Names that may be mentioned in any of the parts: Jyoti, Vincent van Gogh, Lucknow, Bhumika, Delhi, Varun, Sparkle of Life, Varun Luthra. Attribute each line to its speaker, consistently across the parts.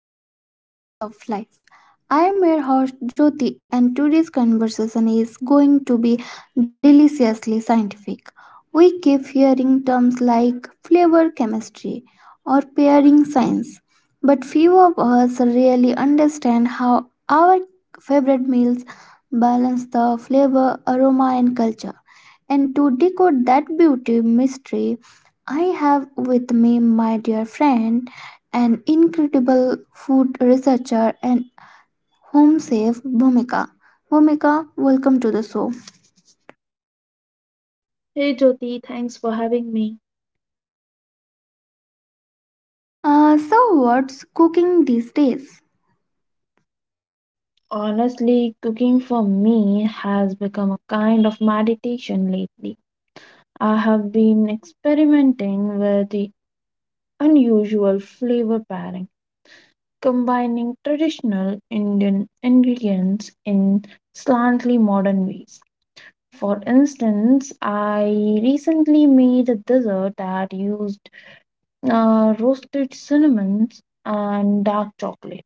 Speaker 1: another episode of Sparkle of Life. I am your host Jyoti and today's conversation is going to be deliciously scientific. We keep hearing terms like flavor chemistry or pairing science, but few of us really understand how our favorite meals balance the flavor, aroma and culture. And to decode that beauty mystery, I have with me my dear friend an incredible food researcher and home chef, Bhumika. Bhumika, welcome to the show.
Speaker 2: Hey Jyoti, thanks for having me.
Speaker 1: So, what's cooking these days?
Speaker 2: Honestly, cooking for me has become a kind of meditation lately. I have been experimenting with the unusual flavor pairing, combining traditional Indian ingredients in slightly modern ways. For instance, I recently made a dessert that used roasted cinnamons and dark chocolate.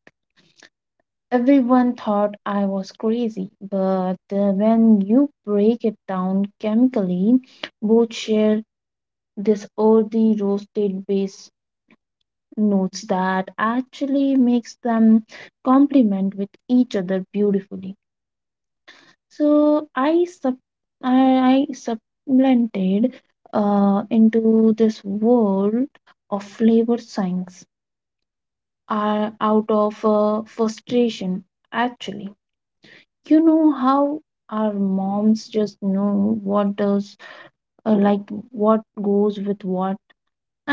Speaker 2: Everyone thought I was crazy, but when you break it down chemically, both share this earthy roasted base notes that actually makes them complement with each other beautifully. So I, I supplanted into this world of flavor science, out of frustration actually. You know how our moms just know what does, like, what goes with what.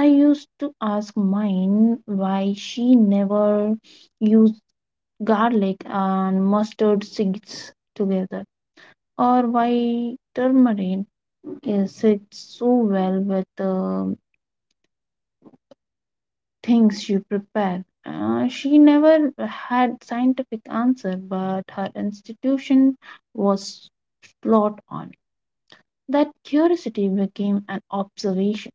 Speaker 2: I used to ask mine why she never used garlic and mustard seeds together, or why turmeric is sits so well with the things you prepare. She never had scientific answer, but her institution was spot on. That curiosity became an observation.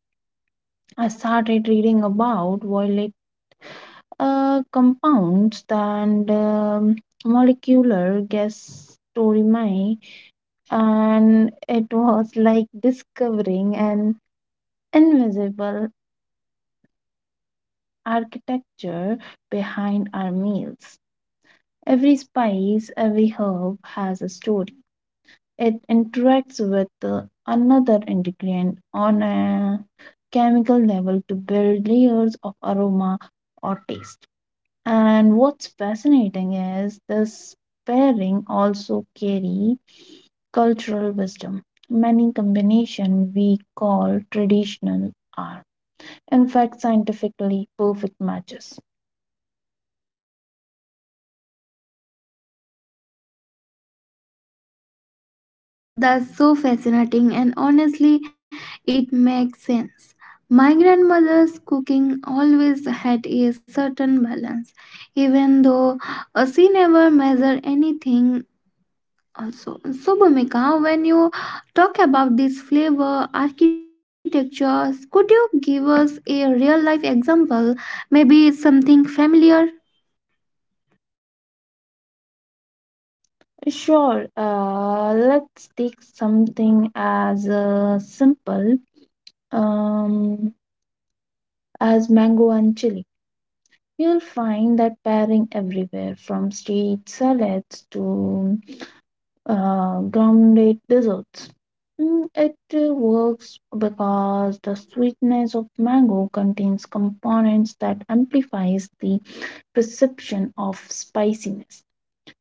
Speaker 2: I started reading about violet compounds and molecular gas storimi, and it was like discovering an invisible architecture behind our meals. Every spice, every herb has a story. It interacts with another ingredient on a chemical level to build layers of aroma or taste. And what's fascinating is this pairing also carry cultural wisdom. Many combination we call traditional are in fact scientifically perfect matches.
Speaker 1: Ah, yes, that's so fascinating, and honestly, it makes sense. My grandmother's cooking always had a certain balance, even though she never measured anything. Also, so Bhumika, when you talk about this flavor architectures, could you give us a real life example? Maybe something familiar?
Speaker 2: Sure, let's take something as simple. Um, as mango and chili. You'll find that pairing everywhere from street salads to grounded desserts. Mm, it works because the sweetness of mango contains components that amplifies the perception of spiciness,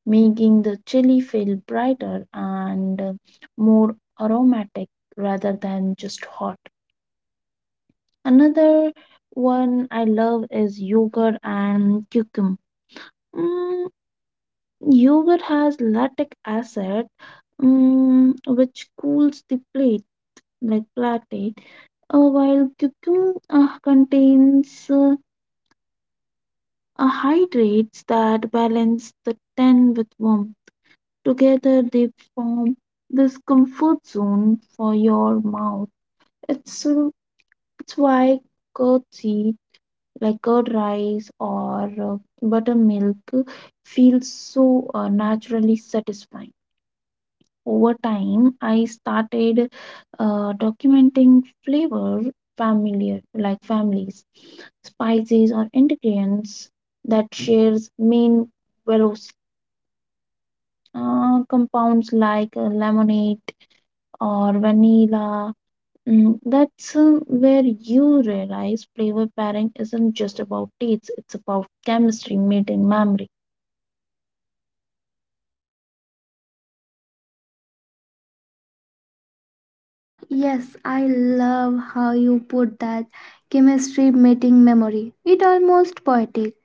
Speaker 2: making the chili feel brighter and more aromatic rather than just hot. Another one I love is yogurt and cucum. Mm, yogurt has lactic acid, mm, which cools the plate like platate, while cucum contains hydrates that balance the tan with warmth. Together, they form this comfort zone for your mouth. It's, uh, it's why curd curd rice, or buttermilk, feels so naturally satisfying. Over time, I started documenting flavor familiar like families, spices or ingredients that shares main velos compounds like lemonade or vanilla. Mm, that's where you realize flavor pairing isn't just about taste, it's about chemistry made in memory.
Speaker 1: Ah, yes, I love how you put that chemistry meeting memory. It almost poetic.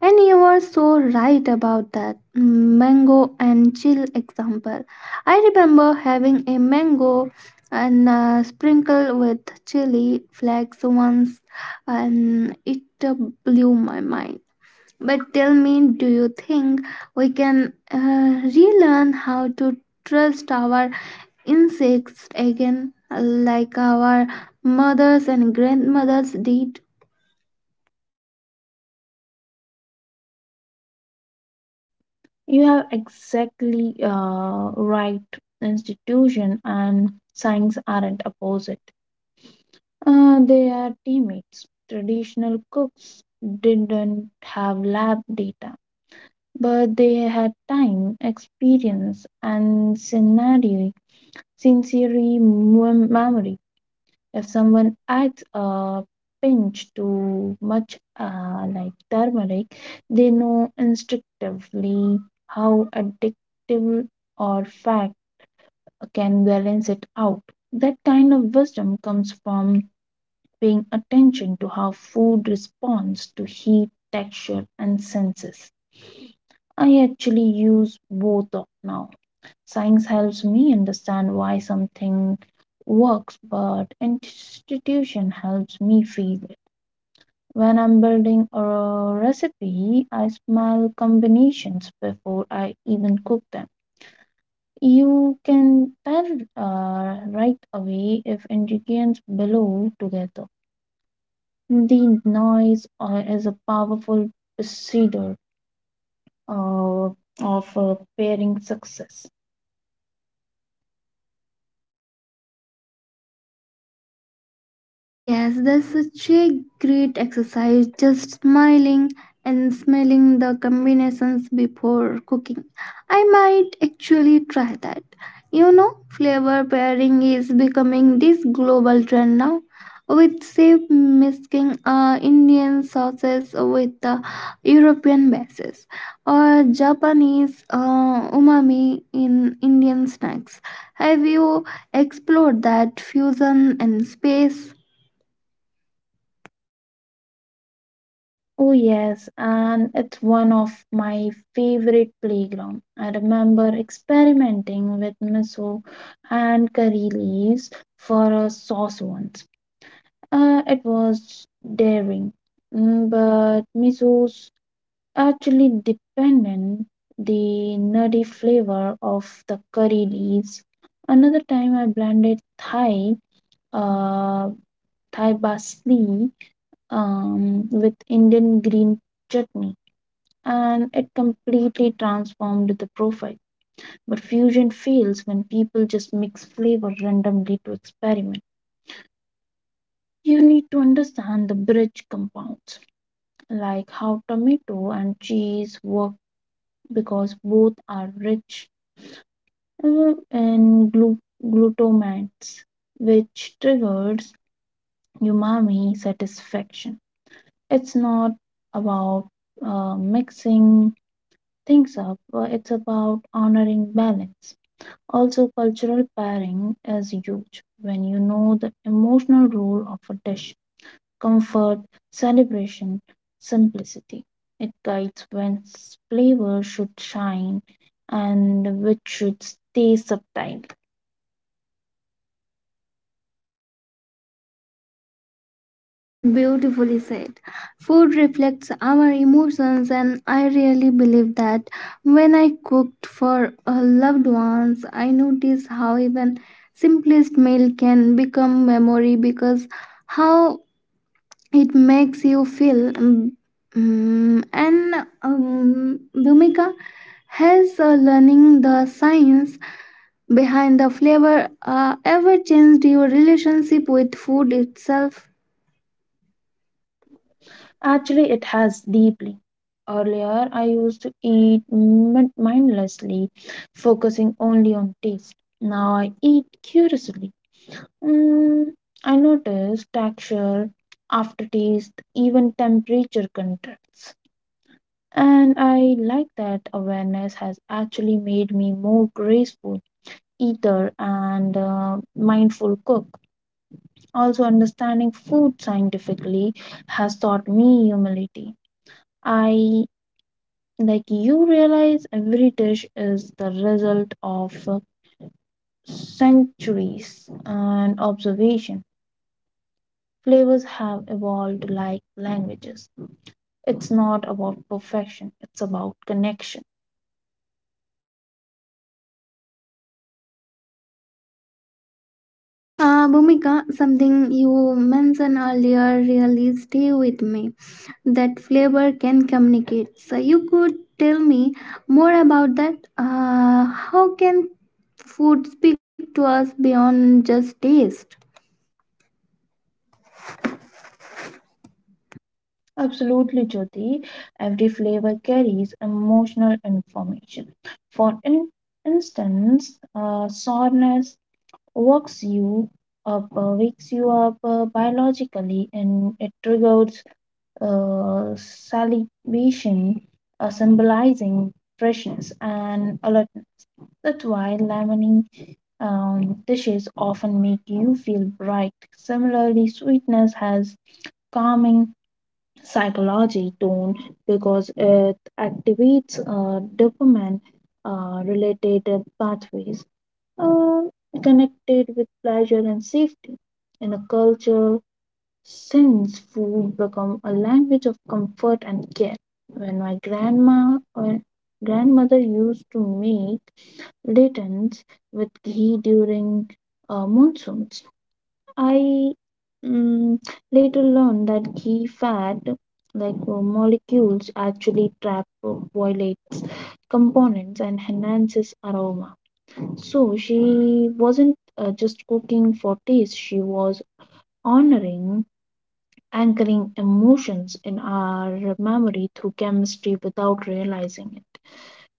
Speaker 1: And you were so right about that mango and chill example. I remember having a mango and sprinkle with chili flakes once, and it blew my mind. But tell me, do you think we can relearn how to trust our insects again, like our mothers and grandmothers did?
Speaker 2: You have exactly right. Institution and science aren't opposite, they are teammates. Traditional cooks didn't have lab data, but they had time, experience, and scenario, sensory memory. If someone adds a pinch too much, like turmeric, they know instinctively how addictive or fat can balance it out. That kind of wisdom comes from paying attention to how food responds to heat, texture, and senses. I actually use both of now. Science helps me understand why something works, but institution helps me feel it. When I'm building a recipe, I smell combinations before I even cook them. You can tell right away if ingredients belong together. The noise is a powerful procedure uh, of pairing success.
Speaker 1: Yes, that's such a great exercise. Just smiling and smelling the combinations before cooking. I might actually try that. You know, flavor pairing is becoming this global trend now, with say mixing Indian sauces with European bases or Japanese umami in Indian snacks. Have you explored that fusion in space?
Speaker 2: Oh yes, and it's one of my favorite playground. I remember experimenting with miso and curry leaves for a sauce once. It was daring. Mm, but miso's actually dependent the nutty flavor of the curry leaves. Another time I blended uh, Thai parsley with Indian green chutney, and it completely transformed the profile. But fusion fails when people just mix flavor randomly to experiment. You need to understand the bridge compounds, like how tomato and cheese work because both are rich in glutamates, which triggers umami satisfaction. It's not about mixing things up, it's about honoring balance. Also, cultural pairing is huge when you know the emotional role of a dish: comfort, celebration, simplicity. It guides when flavor should shine and which should stay subtle.
Speaker 1: That's beautifully said. Food reflects our emotions, and I really believe that when I cooked for loved ones, I noticed how even simplest meal can become memory because how it makes you feel. And Bhumika has learning the science behind the flavor ever changed your relationship with food itself.
Speaker 2: Actually, it has deeply. Earlier, I used to eat mindlessly, focusing only on taste. Now I eat curiously. Mm, I noticed texture, aftertaste, even temperature contrasts. And I like that awareness has actually made me more graceful eater and mindful cook. Also, understanding food scientifically has taught me humility. I like you realize every dish is the result of centuries and observation. Flavors have evolved like languages. It's not about perfection, it's about connection.
Speaker 1: Bhumika, something you mentioned earlier really stay with me. That flavor can communicate. So you could tell me more about that. How can food speak to us beyond just taste?
Speaker 2: Absolutely, Jyoti. Every flavor carries emotional information. For instance, sourness works you up, wakes you up biologically, and it triggers salivation, symbolizing freshness and alertness. That's why lemony dishes often make you feel bright. Similarly, sweetness has calming psychology tone because it activates dopamine related pathways uh, connected with pleasure and safety. In a culture, since food become a language of comfort and care. When my grandma or grandmother used to make returns with ghee during monsoons. I, mm, later learned that ghee fat, like molecules, actually trap violates components and enhances aroma. So she wasn't just cooking for taste; she was honoring, anchoring emotions in our memory through chemistry without realizing it.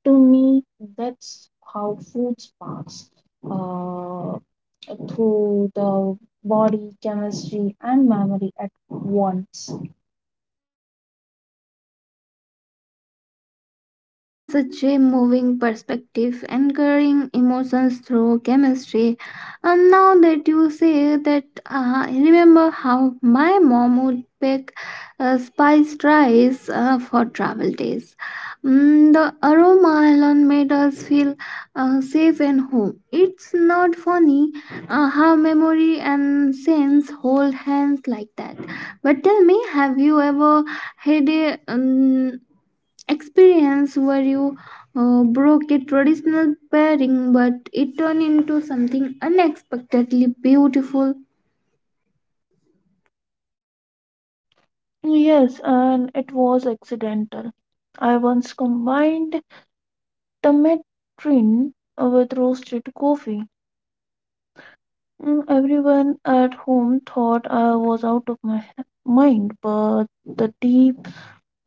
Speaker 2: To me, that's how food sparks uh, through the body, chemistry, and memory at once.
Speaker 1: There's such a moving perspective, anchoring emotions through chemistry. And now that you say that, I remember how my mom would bake spiced rice for travel days. Mm, the aroma alone made us feel safe and home. It's not funny how memory and sense hold hands like that. But tell me, have you ever had a experience where you broke a traditional pairing but it turned into something unexpectedly beautiful.
Speaker 2: Yes, and it was accidental. I once combined tamarind with roasted coffee. Mm, everyone at home thought I was out of my mind, but the tea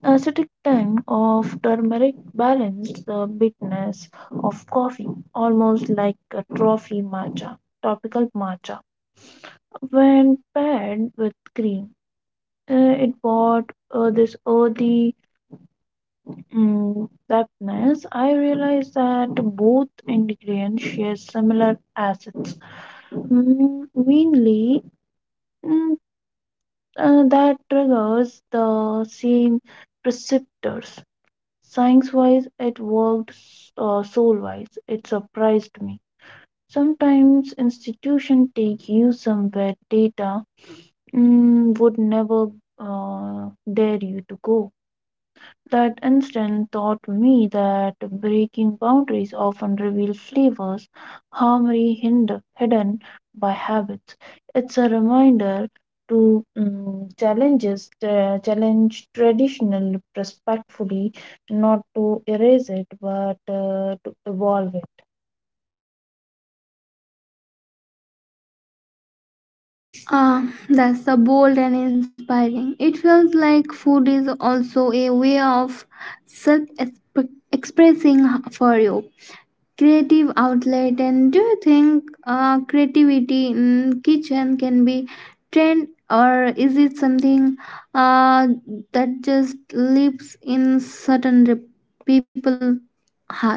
Speaker 2: acidic tang of turmeric balanced the bitterness of coffee, almost like a trophy matcha, topical matcha. When paired with cream, uh, it brought this earthy mm depthness. I realized that both ingredients share similar acids, mainly mm, that triggers the same receptors. Science wise, it worked, soul wise. It surprised me. Sometimes institutions take you somewhere data, mm, would never dare you to go. That instant taught me that breaking boundaries often reveal flavors harmony hidden by habits. It's a reminder to challenge traditional respectfully, not to erase it, but to evolve it.
Speaker 1: Ah, that's so bold and inspiring. It feels like food is also a way of self expressing for you. Creative outlet, and do you think creativity in kitchen can be trained, or is it something uh, that just lives in certain people heart?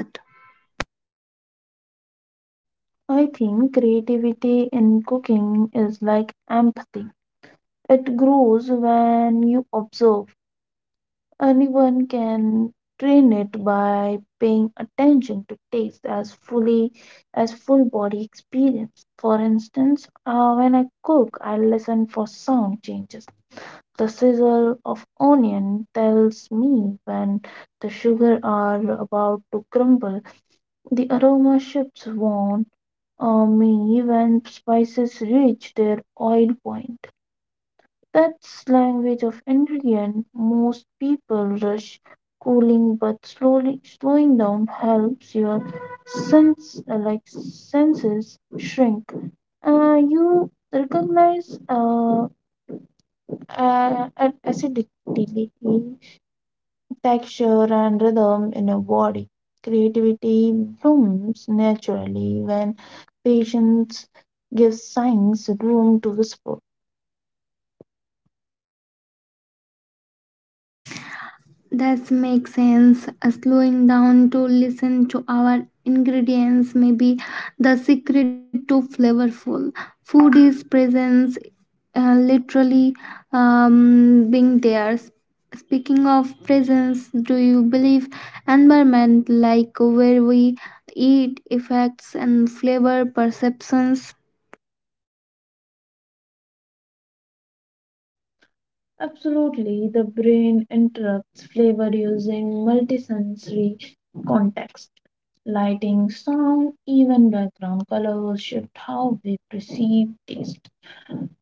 Speaker 2: I think creativity in cooking is like empathy. It grows when you observe. Anyone can train it by paying attention to taste as fully as full body experience. For instance, when I cook, I listen for sound changes. The sizzle of onion tells me when the sugar are about to crumble. The aroma shifts warn me when spices reach their oil point. That's language of ingredient. Most people rush cooling, but slowly slowing down helps your sense, senses, shrink. You recognize an acidity, texture, and rhythm in a body. Creativity blooms naturally when patience gives signs room to whisper.
Speaker 1: That makes sense. Slowing down to listen to our ingredients may be the secret to flavorful food is presence, literally being there. Speaking of presence, do you believe environment like where we eat effects and flavor perceptions?
Speaker 2: Absolutely, the brain interprets flavor using multisensory context. Lighting, sound, even background colors shift how we perceive taste.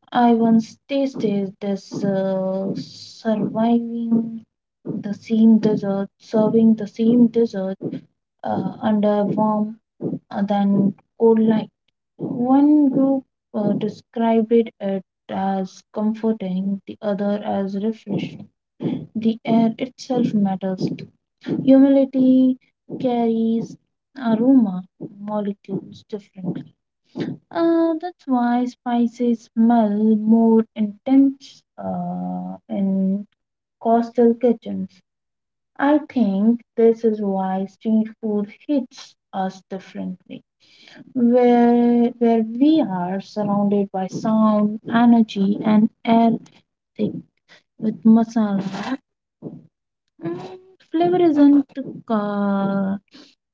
Speaker 2: I once tasted this, surviving the same dessert, serving the same dessert under warm than cold light. One group described it as comforting, the other as refreshing. The air itself matters. Humidity carries aroma molecules differently. That's why spices smell more intense in coastal kitchens. I think this is why street food hits us differently. Where we are surrounded by sound, energy, and air thick with masala. Mm, flavor isn't uh,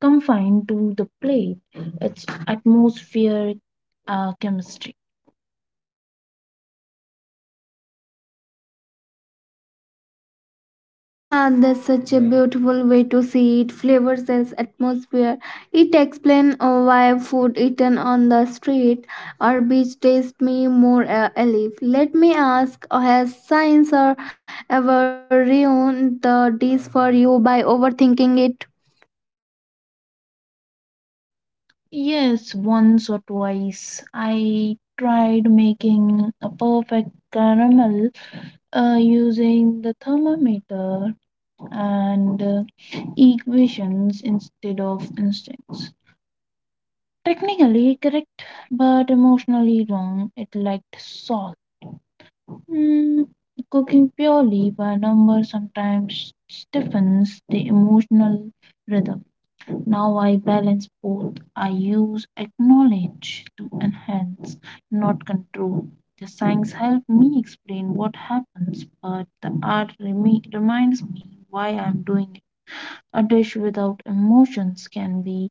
Speaker 2: confined to the plate, it's atmospheric chemistry.
Speaker 1: Ah, that's such a beautiful way to see it. Flavors as atmosphere. It explains why food eaten on the street or beach tastes me more alive. Let me ask: has science or ever ruined the dish for you by overthinking it?
Speaker 2: Yes, once or twice I tried making a perfect caramel using the thermometer and equations instead of instincts. Technically correct, but emotionally wrong. It lacked sauce. Mm, cooking purely by number sometimes stiffens the emotional rhythm. Now I balance both. I use acknowledge to enhance, not control. The signs help me explain what happens, but the art reminds me why I'm doing it. A dish without emotions can be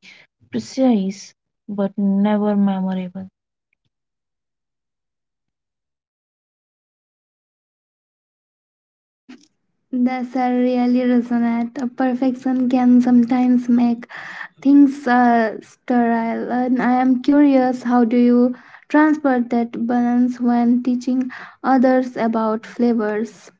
Speaker 2: precise but never memorable.
Speaker 1: That's a really resonate. Perfection can sometimes make things sterile. And I am curious, how do you transport that balance when teaching others about flavors?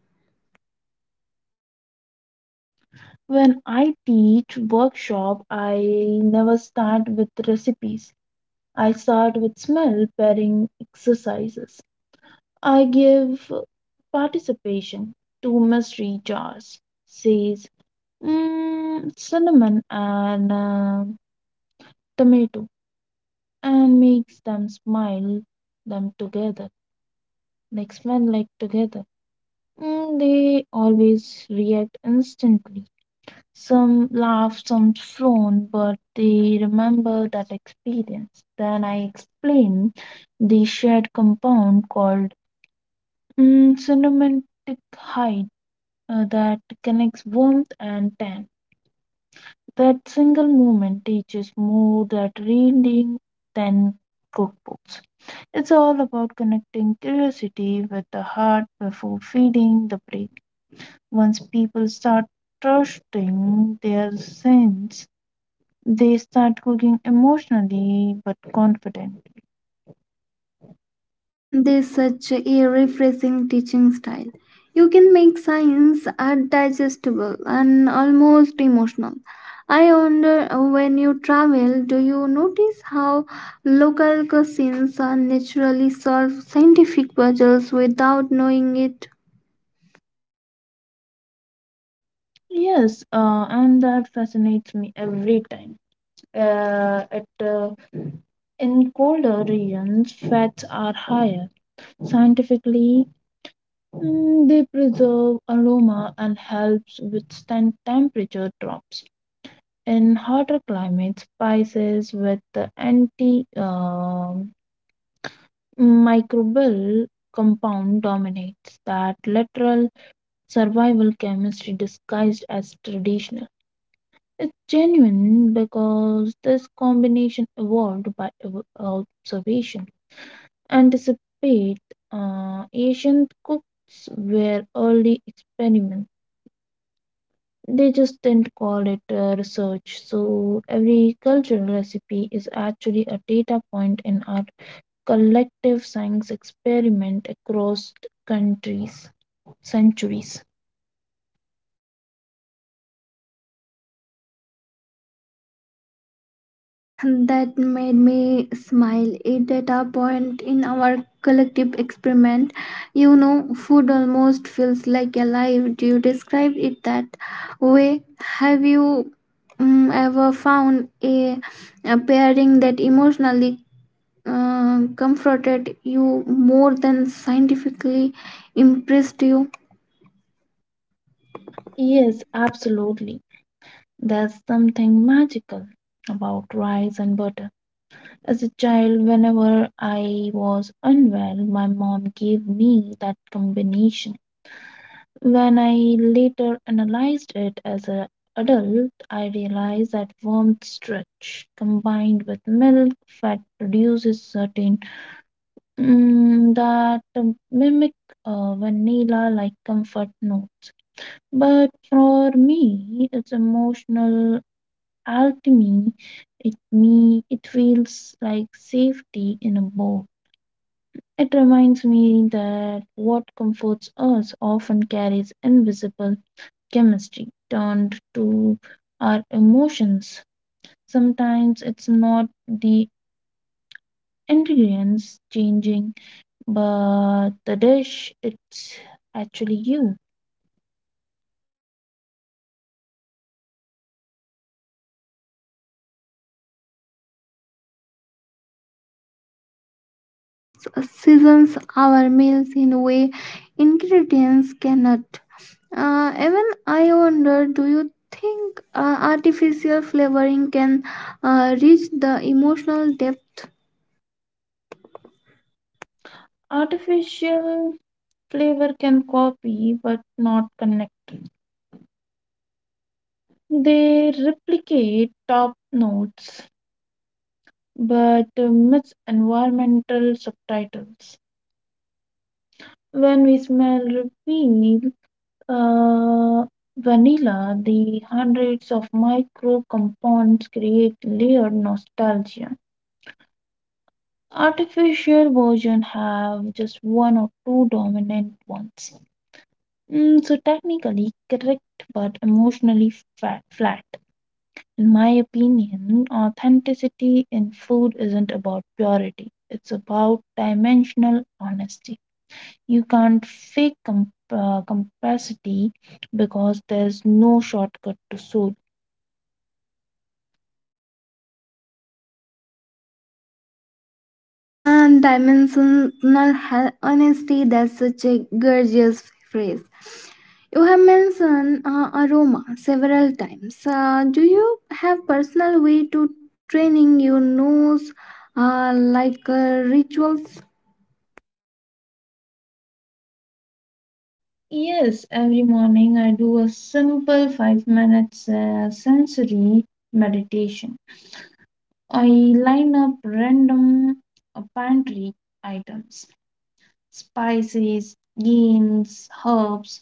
Speaker 2: When I teach workshop, I never start with recipes. I start with smell pairing exercises. I give participation to mystery jars. Says, mm, cinnamon and tomato, and makes them smile them together. Like smell like together. Mm, they always react instantly. Some laughed, some frowned, but they remember that experience. Then I explained the shared compound called, mm, cinematic height that connects warmth and tan. That single moment teaches more than reading than cookbooks. It's all about connecting curiosity with the heart before feeding the brain. Once people start trusting their sense, they start cooking emotionally but confident.
Speaker 1: There's such a refreshing teaching style. You can make science digestible and almost emotional. I wonder when you travel, do you notice how local cuisines are naturally solve scientific puzzles without knowing it?
Speaker 2: Yes, and that fascinates me every time. It In colder regions, fats are higher. Scientifically, mm, they preserve aroma and helps withstand temperature drops. In hotter climates, spices with the anti microbial compound dominates that literal survival chemistry disguised as traditional. It's genuine because this combination evolved by observation. Anticipate Asian cooks were early experiments. They just didn't call it research. So every cultural recipe is actually a data point in our collective science experiment across countries, centuries.
Speaker 1: That made me smile. It at a point in our collective experiment. You know, food almost feels like alive. Do you describe it that way? Have you ever found a pairing that emotionally comforted you more than scientifically impressed you?
Speaker 2: Yes, absolutely. There's something magical about rice and butter. As a child, whenever I was unwell, my mom gave me that combination. When I later analyzed it as an adult, I realized that warmth stretch combined with milk fat produces certain, mm, that mimic a vanilla like comfort note. But for me, it's emotional alchemy. It me it feels like safety in a bow. It reminds me that what comforts us often carries invisible chemistry turned to our emotions. Sometimes it's not the ingredients changing, but the dish it's actually you.
Speaker 1: That's give me goosebumps. It's a true emotion seasons our meals in a way ingredients cannot. Even I wonder, do you think artificial flavoring can reach the emotional depth
Speaker 2: Artificial flavor can copy but not connect. They replicate top notes but miss environmental subtitles. When we smell reveal uh, vanilla, the hundreds of micro compounds create layered nostalgia. Artificial versions have just one or two dominant ones. Mm, so technically correct but emotionally flat. In my opinion, authenticity in food isn't about purity, it's about dimensional honesty. You can't fake complexity because there's no shortcut to soul.
Speaker 1: and dimensional honesty? That's such a gorgeous phrase. You have mentioned aroma several times. Do you have personal way to training your nose like rituals?
Speaker 2: Yes, every morning I do a simple 5 minutes sensory meditation. I line up random pantry items: spices, greens, herbs,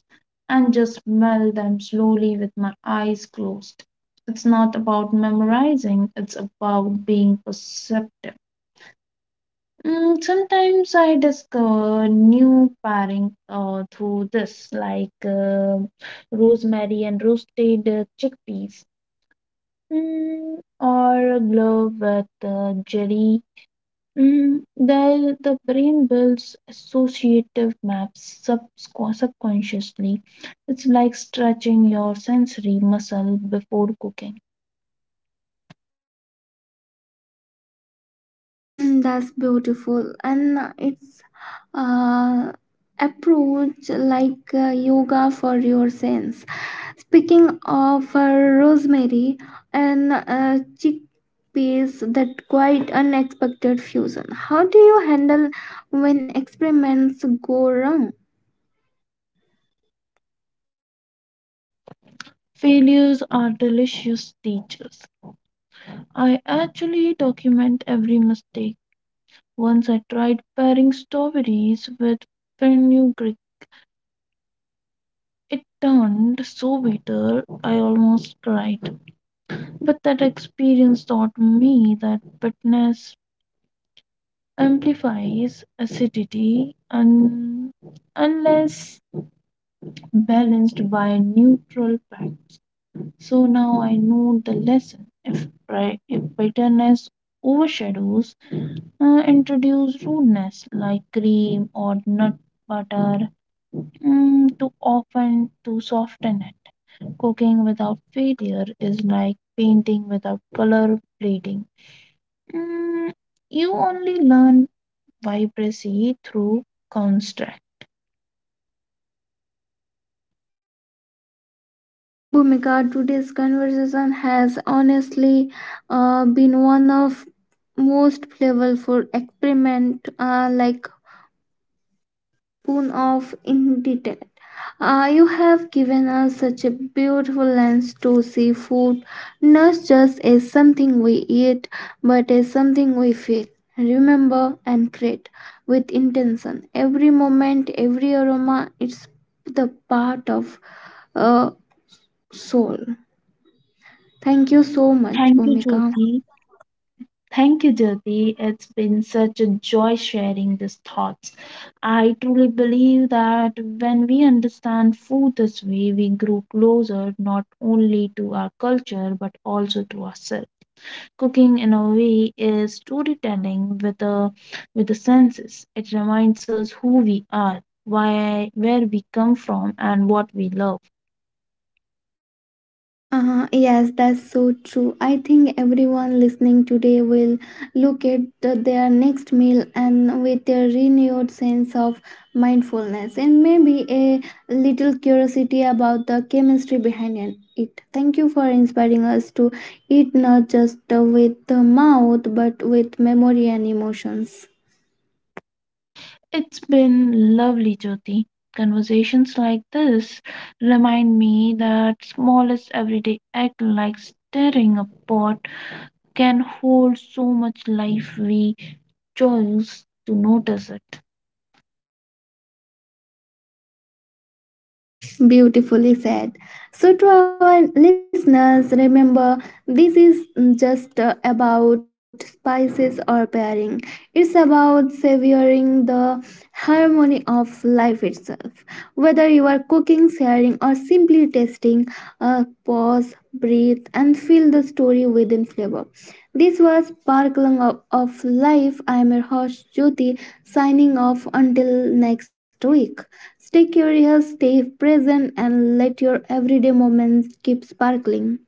Speaker 2: and just smell them slowly with my eyes closed. It's not about memorizing, it's about being perceptive. Mm, sometimes I discover new pairing through this, like rosemary and roasted chickpeas, mm, or a glove with jelly. Mm, the brain builds associative maps subconsciously. It's like stretching your sensory muscle before cooking.
Speaker 1: That's beautiful, and it's uh, approach like yoga for your sense. Speaking of rosemary and chickpeas, that quite unexpected fusion. How do you handle when experiments go wrong?
Speaker 2: Failures are delicious teachers. I actually document every mistake. Once I tried pairing strawberries with fenugreek. It turned so bitter I almost cried. But that experience taught me that bitterness amplifies acidity unless balanced by neutral facts. So now I know the lesson. If bitterness overshadows, introduce rudeness like cream or nut butter, mm, to often to soften it. Cooking without failure is like painting without color bleeding. Mm, you only learn vibrancy through construct.
Speaker 1: Bhumika, today's conversation has honestly been one of most flavorful experiment, like spoon of in. Ah, you have given us such a beautiful lens to see food not just as something we eat, but as something we feel, remember, and create with intention. Every moment, every aroma, it's the part of a soul. Thank you so much,
Speaker 2: Thank you,
Speaker 1: Bhumika.
Speaker 2: Jyoti. Thank you, Jyoti. It's been such a joy sharing these thoughts. I truly believe that when we understand food this way, we grow closer not only to our culture but also to ourselves. Cooking, in a way, is storytelling with the senses. It reminds us who we are, why, where we come from, and what we love.
Speaker 1: Yes, that's so true. I think everyone listening today will look at their next meal and with a renewed sense of mindfulness and maybe a little curiosity about the chemistry behind it. It. Thank you for inspiring us to eat not just with the mouth but with memory and emotions.
Speaker 2: It's been lovely, Jyoti. Conversations like this remind me that smallest everyday act like stirring a pot can hold so much life we choose to notice it.
Speaker 1: Beautifully said. So, to our listeners, remember this is just about spices or pairing. It's about savoring the harmony of life itself. Whether you are cooking, sharing, or simply tasting, pause, breathe, and feel the story within flavor. This was Sparkling of Life. I am your host Jyoti, signing off until next week. Stay curious, stay present, and let your everyday moments keep sparkling.